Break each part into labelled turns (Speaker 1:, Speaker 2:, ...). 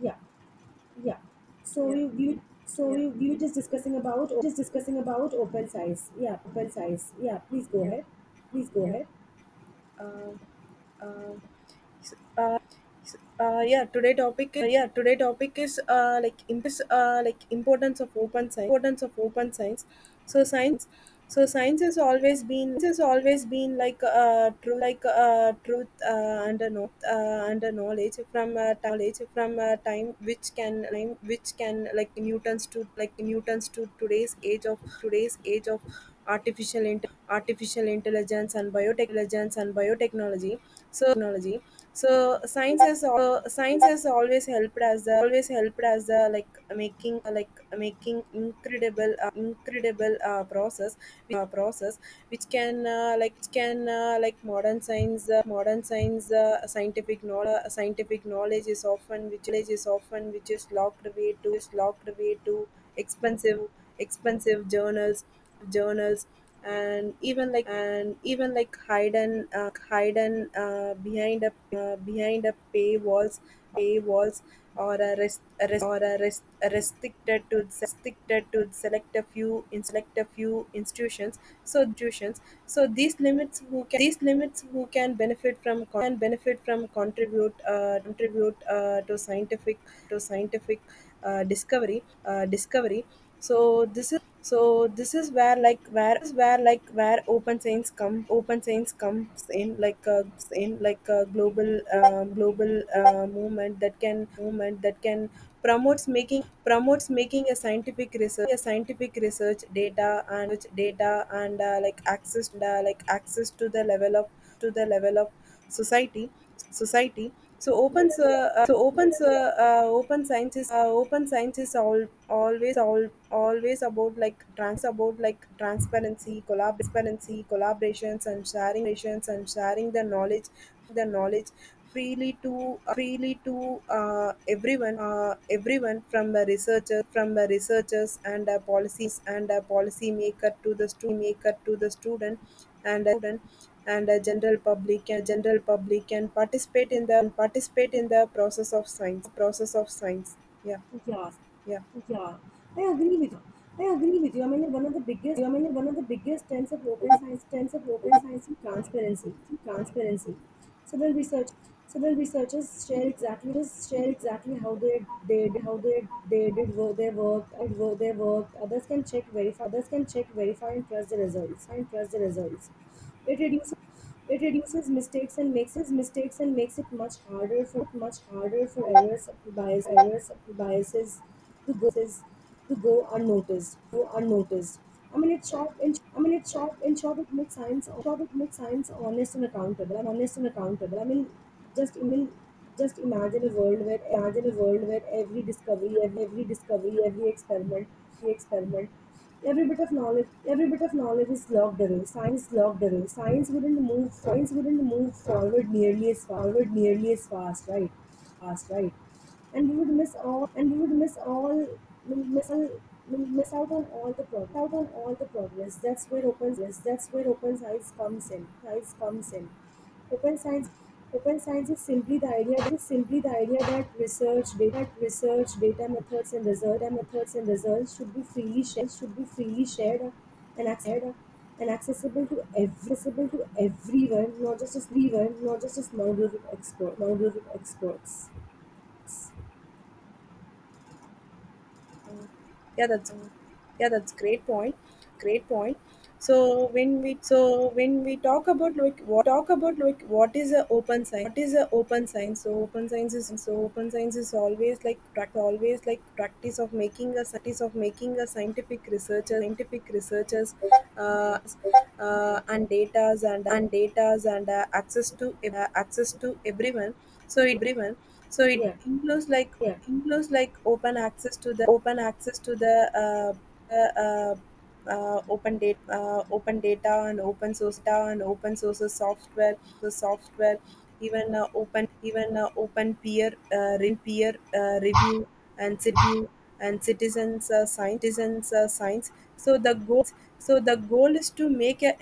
Speaker 1: Yeah, yeah. So
Speaker 2: Yeah,
Speaker 1: you so
Speaker 2: yeah,
Speaker 1: you we were just discussing about open size. Yeah, please go
Speaker 2: yeah,
Speaker 1: ahead. Please go
Speaker 2: yeah.
Speaker 1: ahead.
Speaker 2: Uh, uh, s- uh, yeah. Yeah, today topic is like in this like importance of open science. Importance of open science. So science. So science has always been like true like truth under no under knowledge from time which can like Newton's to today's age of artificial intelligence and biotechnology. And biotechnology. So technology. So science science has always helped as the like making like making incredible process which can like modern science scientific knowledge is often which is locked away to expensive journals, journals, and even like hidden behind a paywalls, paywalls or or a rest, restricted to select a few institutions. So these limits who can benefit from, contribute to scientific to scientific discovery. So this is where, open science comes in like a global movement that can promotes making a scientific research data and like access to the level of to the level of society. society
Speaker 1: Yeah, yeah.
Speaker 2: Open science is all always all always about transparency, collaboration, collaborations and sharing the knowledge the knowledge freely to everyone, everyone from the researcher from the researchers and policies, and policy maker to the student, maker to the student and student and a general public, can participate in the process of science. Yeah,
Speaker 1: Yeah,
Speaker 2: yeah.
Speaker 1: yeah. I agree with you. I mean, one of the biggest trends of open science is transparency. Several research. Several researchers share exactly how they did work their work and work their work. Others can check verify and trust the results. It reduces. It reduces mistakes and makes his mistakes and makes it much harder for errors, errors, biases to go is to go unnoticed. I mean, it's short. In short, it makes science honest and accountable. I mean, just imagine a world where every discovery, every experiment, every bit of knowledge is locked away. Science wouldn't move forward nearly as fast, fast right and we would miss all and we would miss all we miss all we miss out on all the progress out on all the progress. That's where open science comes in Open science Open science is simply the idea that research, data, methods and methods and results should be freely should be freely shared and and accessible to everyone, not just as now group of now group of experts.
Speaker 2: yeah that's yeah, that's great point. So when we talk about like, what is a open science? So open science is always like practice of making a scientific researchers
Speaker 1: Yeah,
Speaker 2: uh, and datas, and access to everyone. So
Speaker 1: yeah,
Speaker 2: it
Speaker 1: yeah.
Speaker 2: includes like Includes like open access to the uh, the uh, open data, and open source data, and open source software, the software, even open peer review, and review and citizens science. So the goal is to make a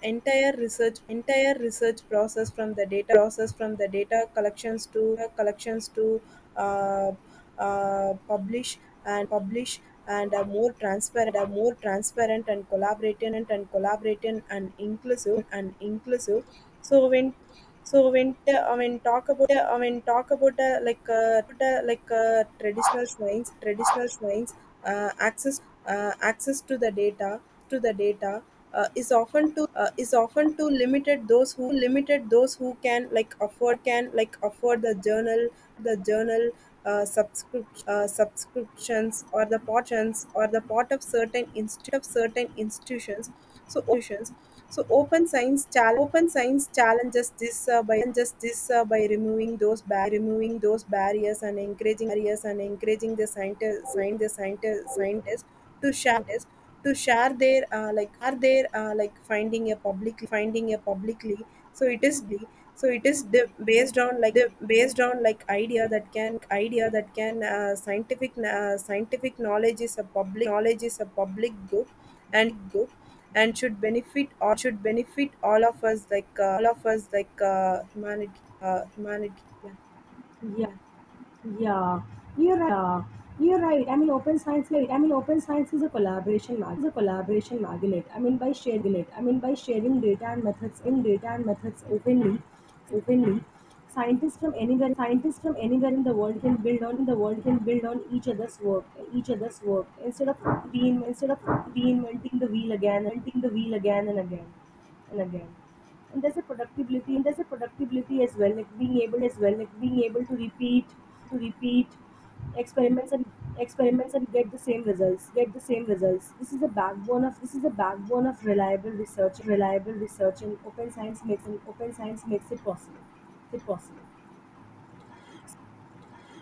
Speaker 2: entire research process, from the data collections to uh, publish, and a more transparent and collaborative and inclusive. So when I mean, talk about I mean talk about like traditional shrines, access to the data to the data is often too is often to limited, those who can like afford the journal, the journal subscrip- subscriptions or the part of certain institutions. so institutions. So open science challenges this by just this by removing those barriers, and encouraging the scientists to share their like, are there like finding a public, finding a publicly. so it is be so it is the based on like the based on like idea that can scientific knowledge is a public good, and should benefit all of us, like humanity. Yeah,
Speaker 1: yeah.
Speaker 2: yeah
Speaker 1: Yeah, you're right. I mean, open science is a collaboration magnet. I mean, by sharing it. I mean, by sharing data and methods in data and methods openly. Openly. Scientists from anywhere, scientists from anywhere in the world can build on each each other's work, instead of reinventing the reinventing the wheel again and again, and again and there's a productivity and there's a productivity as well, like being able to repeat experiments and experiments and get the same results get the same results. This is the backbone of this is the backbone of reliable research reliable research, and open science makes and open science makes it possible it possible.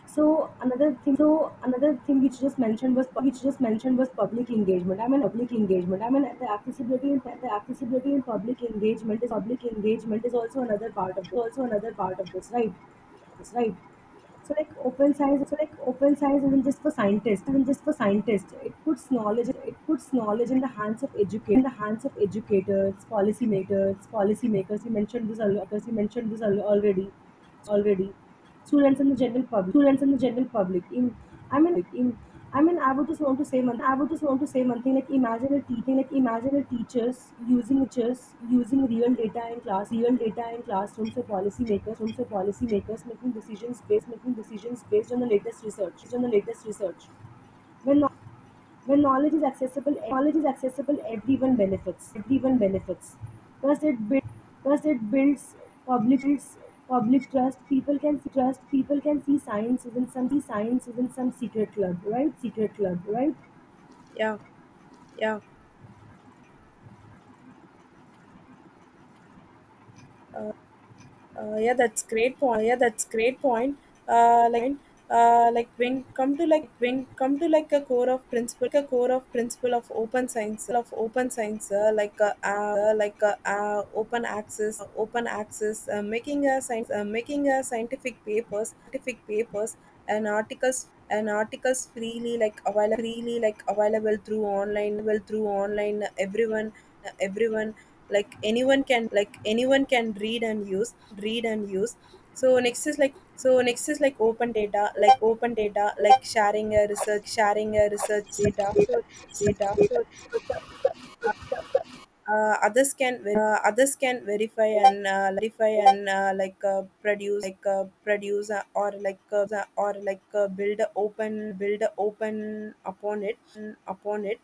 Speaker 1: So another so another thing which just mentioned was which just mentioned was public engagement. I mean public engagement. I mean the accessibility in public engagement is also another part of also another part of this, right? That's right. So, like, open so like open science isn't just for isn't just for scientists. It puts it puts knowledge in the hands of in the hands of educators, policymakers. You mentioned this, al- because you mentioned this already. already. Students and the general students and the general public. In, I mean, like, in I mean, I would just want to say one thing. Like, imagine a teaching. Like, imagine a teachers using just using real data in real data in classroom, room for policymakers making decisions making decisions based on based on the latest research. When when knowledge is knowledge is accessible, everyone benefits. Thus, it builds Thus, it builds public builds public trust. People can see trust. People can see science isn't some see science isn't some secret club, Secret club, right?
Speaker 2: yeah yeah yeah, that's great point. Uh, like, when come to like a core of principle, of open science, like open access, making a science, making a scientific papers, and articles freely like available through online everyone, uh, everyone like anyone can read and use. read and use so next is like open data, like sharing a research, data, so data so after- others can ver- others can verify and verify and like produce, like produce or like build a open upon it. upon it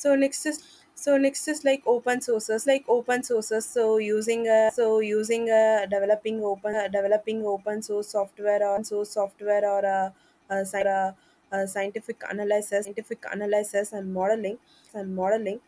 Speaker 2: so next is like open sources, so using, developing open, source software, or uh, sci- uh, scientific analysis and modeling. and modeling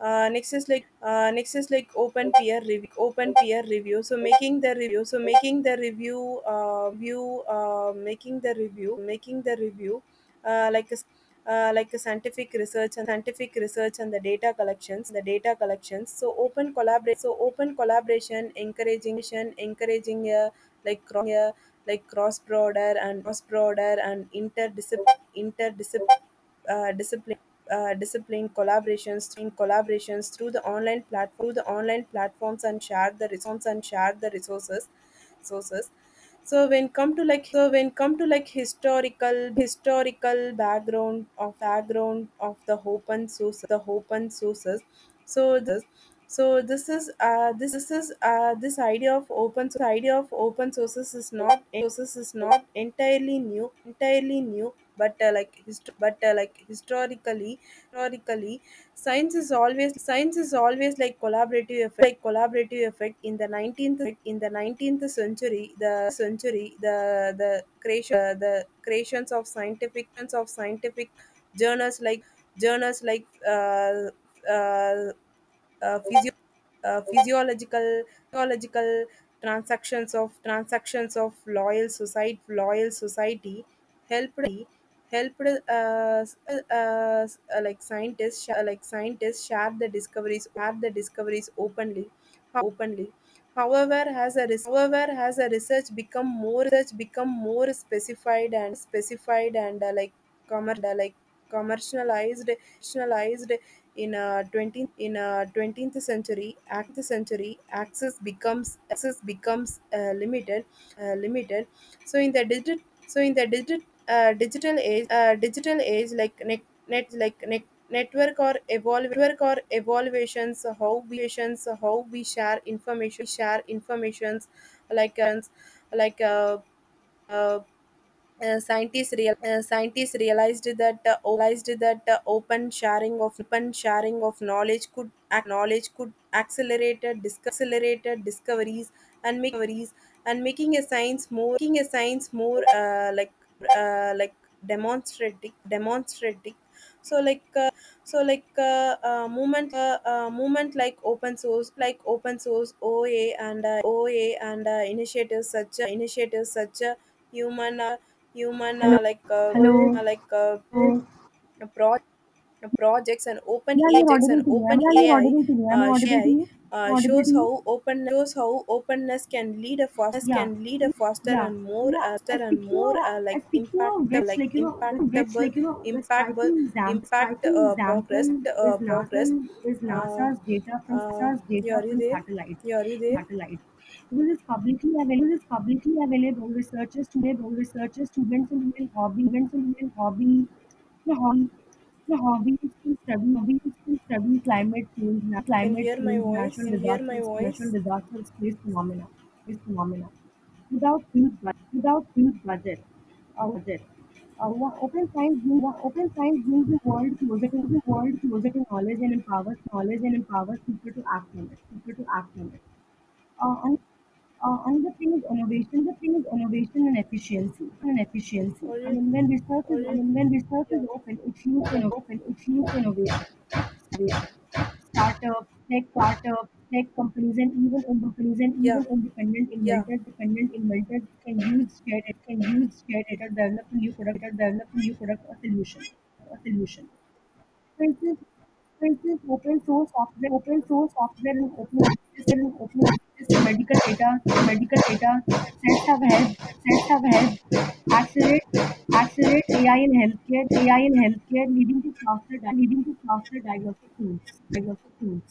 Speaker 2: uh, next is like open peer review. Open peer review. So making the review. So making the review. View. Making the review. Making the review. Uh, like a s- like a scientific research and the data collections, the data collections so open collaboration encouraging encouraging uh, like cross uh, like cross border and interdisciplinary interdisciplinary discipline discipline collaborations through the online platform, the online platforms and share the resources resources so when come to like historical background of the open sources, so this is this is this idea of open sources is not entirely new, but historically, historically, science is always like collaborative effect. In the 19th century, the creations of scientific journals like journals like uh, uh, uh, physio- physiological physiological transactions of loyal society, helped helped uh, uh, uh, like scientists share the discoveries openly. openly However, as a res- however as a research become more specified, and commer- and, uh, like commercialized in a 20th century act the century access becomes limited. uh, limited so in the digit, so in the digit digital age, like net, net like net network or evaluations how we share informations, like uh, like uh, uh, scientists, real, scientists realized that open sharing of knowledge could ac- knowledge could accelerate disc- accelerated discoveries and making a science more making a science more uh, like demonstrative. So like so like movement movement like open source, oa, and initiatives such, human uh, Human
Speaker 1: Hello. Hello.
Speaker 2: are like
Speaker 1: Hello.
Speaker 2: a, pro, projects, and open and
Speaker 1: Yeah,
Speaker 2: open
Speaker 1: you're
Speaker 2: AI
Speaker 1: audible to me. Am I
Speaker 2: uh,
Speaker 1: audible to you? Am
Speaker 2: uh,
Speaker 1: I audible to
Speaker 2: shows
Speaker 1: you?
Speaker 2: how open, shows how openness can lead a fast
Speaker 1: Yeah,
Speaker 2: can lead a faster
Speaker 1: yeah,
Speaker 2: and more
Speaker 1: yeah. And speaking of
Speaker 2: like
Speaker 1: And speaking of
Speaker 2: impactable,
Speaker 1: which, like, you which like you know, the
Speaker 2: impactable
Speaker 1: striking
Speaker 2: impact
Speaker 1: striking
Speaker 2: progress.
Speaker 1: example is
Speaker 2: uh,
Speaker 1: NASA
Speaker 2: progress
Speaker 1: is
Speaker 2: uh,
Speaker 1: NASA's data from
Speaker 2: uh, yeah, are you there
Speaker 1: Satellites.
Speaker 2: yeah, are you there
Speaker 1: satellites. Because it's publicly available. Researchers, students, and human students and human hobby. The hobby. The hobby is to study climate change,
Speaker 2: can
Speaker 1: climate
Speaker 2: hear my
Speaker 1: change,
Speaker 2: voice
Speaker 1: natural
Speaker 2: can hear my
Speaker 1: natural
Speaker 2: voice
Speaker 1: disasters, space phenomena. Space phenomena. Without huge budgets. Budgets. One Open science brings the world closer to knowledge and empowers people to act on people to act on it. Uh, and, and The thing is innovation and efficiency.
Speaker 2: or you or
Speaker 1: I
Speaker 2: you
Speaker 1: mean, when research
Speaker 2: yeah
Speaker 1: is open, it fuels
Speaker 2: Yeah,
Speaker 1: innovation. Startups, tech companies, and even
Speaker 2: yeah,
Speaker 1: independent
Speaker 2: yeah.
Speaker 1: dependent inventors can use shared data to develop a new product or develop a new product or solution. Traces traces: open source software and open access to medical data sets have helped sets have helped accelerate accelerate AI in healthcare AI in healthcare, leading to leading to faster diagnostic tools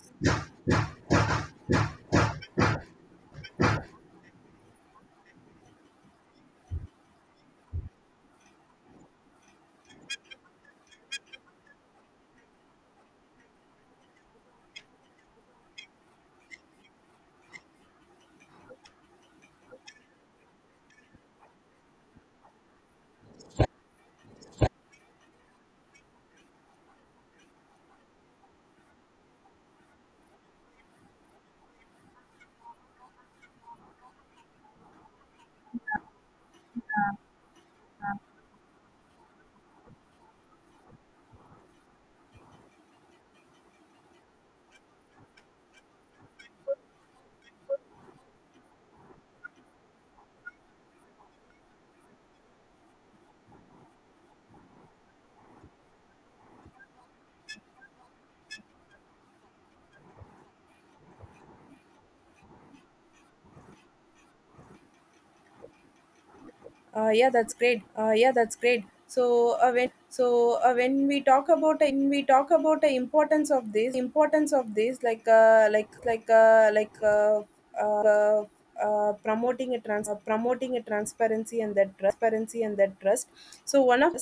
Speaker 2: Yeah, that's great. So when we talk about when we talk about the importance of this like uh, promoting a trans promoting a transparency and that trust. So one of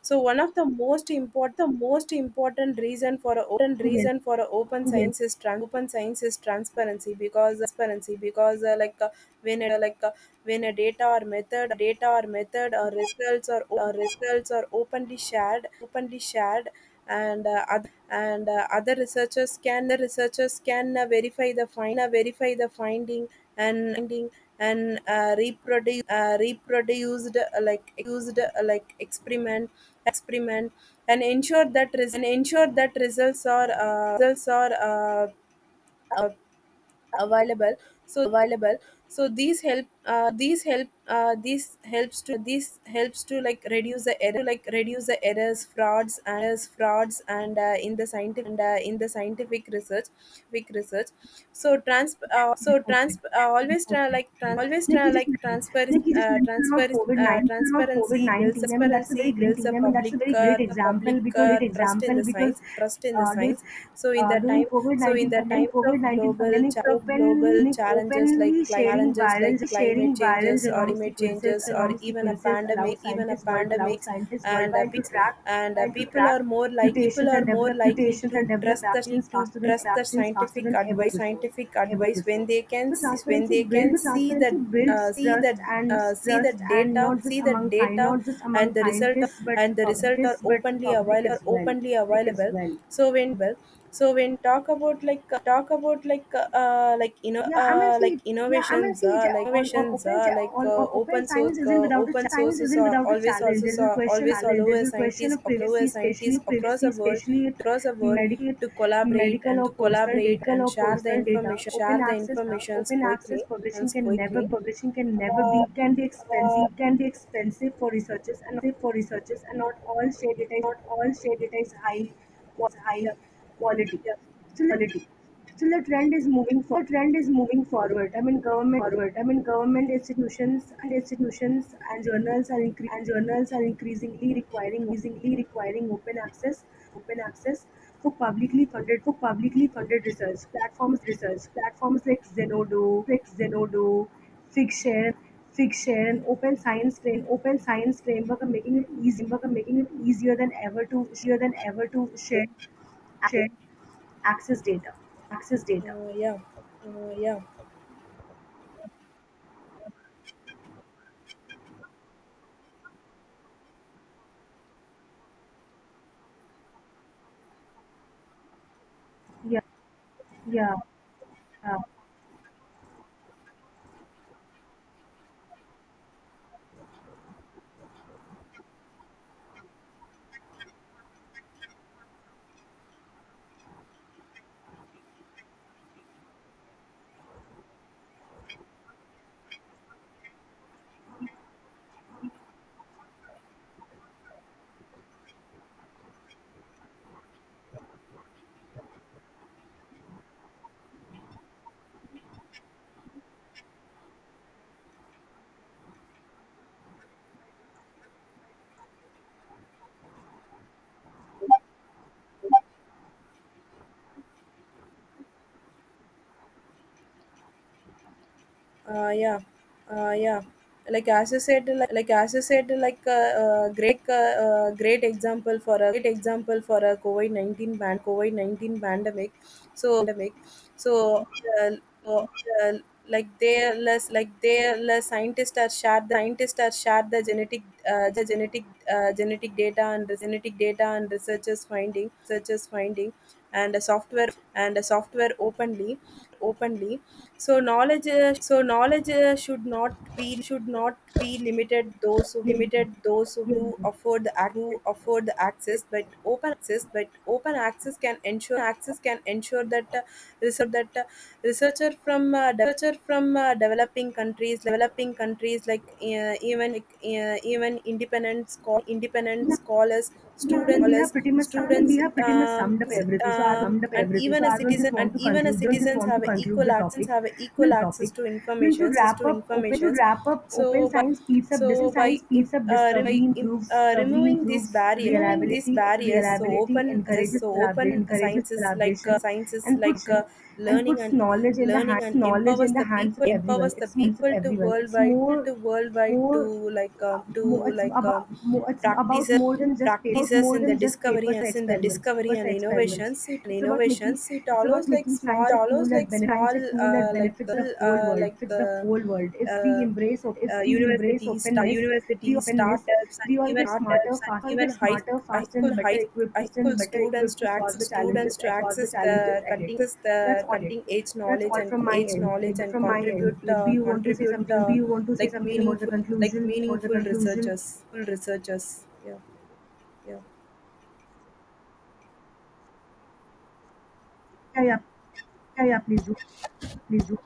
Speaker 2: so one of the most important reason for a open
Speaker 1: together.
Speaker 2: reason for a open
Speaker 1: together.
Speaker 2: science is transparency because like when a, like when a data or method or results are openly shared and other researchers can verify the finding and reproduced like experiment and ensure that results are uh, available so available, So these help these help these helps to like reduce the errors , frauds, and in the scientific research. So trans so
Speaker 1: totally,
Speaker 2: trans
Speaker 1: totally, totally,
Speaker 2: always try like
Speaker 1: totally.
Speaker 2: trans, always
Speaker 1: Like
Speaker 2: try
Speaker 1: you just
Speaker 2: like transfer
Speaker 1: like you just mentioned
Speaker 2: transfer
Speaker 1: about COVID about
Speaker 2: Transparency
Speaker 1: COVID 19.
Speaker 2: builds a
Speaker 1: I mean, that's
Speaker 2: public
Speaker 1: a very
Speaker 2: uh,
Speaker 1: great
Speaker 2: a public trust in
Speaker 1: example
Speaker 2: the
Speaker 1: because uh, during
Speaker 2: science deadlines so in
Speaker 1: uh,
Speaker 2: the
Speaker 1: during
Speaker 2: time
Speaker 1: COVID
Speaker 2: so in
Speaker 1: 19
Speaker 2: the times of
Speaker 1: pandemic,
Speaker 2: global challenges like
Speaker 1: openly
Speaker 2: challenges like climate
Speaker 1: sharing viral
Speaker 2: changes or
Speaker 1: genome genome
Speaker 2: even a
Speaker 1: sequences allowed
Speaker 2: pandemic even a
Speaker 1: scientists world allowed
Speaker 2: pandemics
Speaker 1: scientists
Speaker 2: and a
Speaker 1: worldwide to
Speaker 2: big
Speaker 1: track
Speaker 2: and
Speaker 1: and to
Speaker 2: people are
Speaker 1: track
Speaker 2: more like people are more likely
Speaker 1: mutations
Speaker 2: to
Speaker 1: and develop
Speaker 2: trust the
Speaker 1: vaccines
Speaker 2: to
Speaker 1: faster than
Speaker 2: trust the scientific
Speaker 1: ever before ever
Speaker 2: advice when
Speaker 1: before transparency
Speaker 2: they can
Speaker 1: builds
Speaker 2: see the uh, see the
Speaker 1: trust, and
Speaker 2: uh,
Speaker 1: not just among
Speaker 2: data
Speaker 1: not just
Speaker 2: and
Speaker 1: among
Speaker 2: the
Speaker 1: scientists but for
Speaker 2: result are
Speaker 1: publicists but for public as well.
Speaker 2: openly
Speaker 1: public as
Speaker 2: available.
Speaker 1: well
Speaker 2: So when well so when talk about like you know like
Speaker 1: Yeah, I mean,
Speaker 2: innovations
Speaker 1: see, it
Speaker 2: like innovations like
Speaker 1: all open
Speaker 2: open source
Speaker 1: science isn't without a
Speaker 2: open
Speaker 1: science
Speaker 2: sources
Speaker 1: isn't
Speaker 2: are
Speaker 1: without a
Speaker 2: always also are always
Speaker 1: Challenge. There's a question of
Speaker 2: allow a scientist
Speaker 1: privacy, especially
Speaker 2: across the world
Speaker 1: medical, medical or
Speaker 2: to collaborate
Speaker 1: data
Speaker 2: and
Speaker 1: or
Speaker 2: share the
Speaker 1: personal data.
Speaker 2: information share the informations
Speaker 1: Open access
Speaker 2: quickly and quickly.
Speaker 1: publishing can never
Speaker 2: Uh,
Speaker 1: be, can be
Speaker 2: uh,
Speaker 1: can be expensive for researchers, and for researchers, and not all shared not all shared data was high
Speaker 2: yeah,
Speaker 1: quality
Speaker 2: yeah,
Speaker 1: still the quality. Still, the trend is moving for trend is moving forward. I mean, government forward. I mean government institutions and institutions and journals are incre- and journals are increasingly requiring open access for publicly funded research platforms like Zenodo like Zenodo, Figshare Figshare, and open science frame open science framework are making it easy are making it easier than ever to easier than ever to share Access data. access data.
Speaker 2: yeah, yeah.
Speaker 1: Yeah. Yeah. Yeah.
Speaker 2: Yeah yeah Like as you said, like a great great example for a great example for a covid-19 pandemic. So pandemic, so uh, uh, uh, like they like they less Scientists are shared the scientists are shared the genetic genetic data and researchers finding and the software openly. Openly so knowledge, uh, so knowledge uh, should not be
Speaker 1: Yeah.
Speaker 2: limited those
Speaker 1: Yes.
Speaker 2: who afford
Speaker 1: Yes.
Speaker 2: the
Speaker 1: Yes.
Speaker 2: access, but open access can ensure that that researcher from developing countries, even independent
Speaker 1: Yeah.
Speaker 2: scholars,
Speaker 1: No, I mean we have
Speaker 2: students,
Speaker 1: pretty much I mean, we
Speaker 2: students,
Speaker 1: have pretty much
Speaker 2: um,
Speaker 1: summed up everything. So I summed up
Speaker 2: and
Speaker 1: everything.
Speaker 2: even
Speaker 1: So
Speaker 2: a
Speaker 1: I don't
Speaker 2: citizen
Speaker 1: just
Speaker 2: and
Speaker 1: want to
Speaker 2: even a
Speaker 1: conclude. Don't just
Speaker 2: citizens
Speaker 1: want to
Speaker 2: have a
Speaker 1: conclude
Speaker 2: equal
Speaker 1: the
Speaker 2: access
Speaker 1: topic.
Speaker 2: to
Speaker 1: I mean, to
Speaker 2: informations.
Speaker 1: wrap
Speaker 2: To
Speaker 1: up open to
Speaker 2: information,s
Speaker 1: wrap up open
Speaker 2: So by
Speaker 1: science speeds up
Speaker 2: so
Speaker 1: science
Speaker 2: by im-
Speaker 1: speeds up
Speaker 2: rem- by
Speaker 1: discovery,
Speaker 2: im-
Speaker 1: improves discovery
Speaker 2: removing these
Speaker 1: improves
Speaker 2: barriers,
Speaker 1: reliability, encourages
Speaker 2: so
Speaker 1: collaboration
Speaker 2: open
Speaker 1: encourages collaboration,
Speaker 2: sciences
Speaker 1: and
Speaker 2: like learning
Speaker 1: puts
Speaker 2: and
Speaker 1: knowledge in the
Speaker 2: learning
Speaker 1: hands
Speaker 2: and
Speaker 1: knowledge in the hands of everyone.
Speaker 2: empowers the
Speaker 1: It's hands
Speaker 2: people
Speaker 1: of
Speaker 2: to
Speaker 1: everyone. It's
Speaker 2: worldwide
Speaker 1: more
Speaker 2: to worldwide
Speaker 1: more
Speaker 2: to like
Speaker 1: mo- it's about
Speaker 2: practices
Speaker 1: more than just paper
Speaker 2: practices
Speaker 1: more
Speaker 2: in the
Speaker 1: than just
Speaker 2: discovery
Speaker 1: papers and
Speaker 2: and in the
Speaker 1: experiments
Speaker 2: discovery
Speaker 1: papers
Speaker 2: and
Speaker 1: and experiments it's about making
Speaker 2: innovations it
Speaker 1: it's about
Speaker 2: allows
Speaker 1: making
Speaker 2: small
Speaker 1: science a tool
Speaker 2: allows
Speaker 1: that
Speaker 2: like
Speaker 1: benefits
Speaker 2: small
Speaker 1: science a tool that benefits the whole world
Speaker 2: like
Speaker 1: If we
Speaker 2: uh,
Speaker 1: embrace if we embrace
Speaker 2: universities,
Speaker 1: openness the openness we all get smarter
Speaker 2: startups, and
Speaker 1: fast all
Speaker 2: even
Speaker 1: get smarter
Speaker 2: high
Speaker 1: faster
Speaker 2: school
Speaker 1: and
Speaker 2: high
Speaker 1: better
Speaker 2: high
Speaker 1: equipped to
Speaker 2: school
Speaker 1: and better
Speaker 2: students
Speaker 1: equipped
Speaker 2: to
Speaker 1: to solve
Speaker 2: access
Speaker 1: the
Speaker 2: the
Speaker 1: challenges ahead that's all it
Speaker 2: cutting edge
Speaker 1: that's
Speaker 2: knowledge
Speaker 1: all
Speaker 2: and
Speaker 1: from my From my end.
Speaker 2: contribute
Speaker 1: Like, do you want to say something? Do you want to say
Speaker 2: like
Speaker 1: something about the
Speaker 2: meaningful
Speaker 1: conclusion? About the
Speaker 2: meaningful
Speaker 1: conclusion?
Speaker 2: researchers full researchers yeah yeah
Speaker 1: Yeah, yeah, yeah, yeah, please do.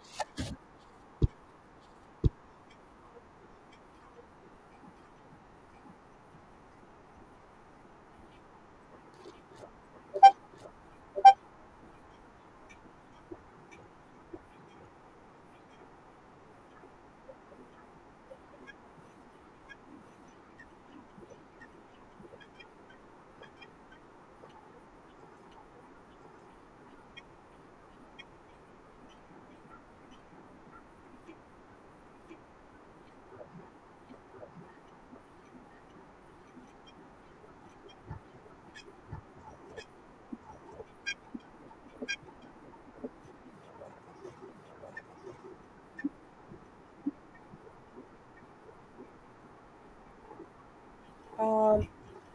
Speaker 2: Um,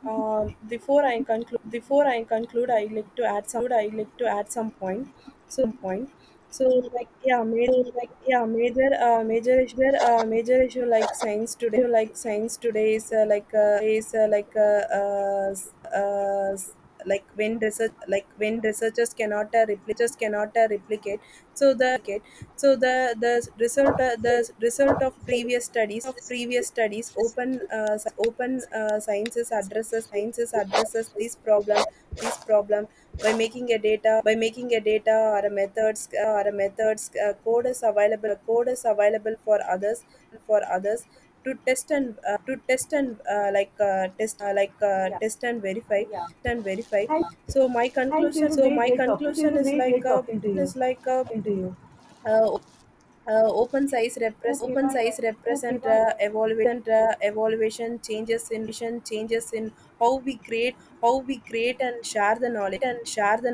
Speaker 2: before I conclude, I like to add some. I like to add some point. So, point. So Like yeah, major, like yeah, major, major issue like science today is like is like s- s- like when research like when researchers cannot replicate so the the result of previous studies. Open sciences addresses this problem this problem by making a data or a methods code is available for others for others to test and like test like
Speaker 1: Yeah,
Speaker 2: test
Speaker 1: yeah.
Speaker 2: and verify
Speaker 1: Thank, Thank you.
Speaker 2: so my
Speaker 1: It
Speaker 2: conclusion
Speaker 1: was
Speaker 2: is
Speaker 1: very
Speaker 2: like
Speaker 1: great talking to
Speaker 2: is
Speaker 1: you.
Speaker 2: like a
Speaker 1: Talking to you.
Speaker 2: uh, op- open size
Speaker 1: Okay, bye bye. Okay,
Speaker 2: represent
Speaker 1: bye bye.
Speaker 2: evaluation evaluation changes in changes in how we create and share the knowledge. And share the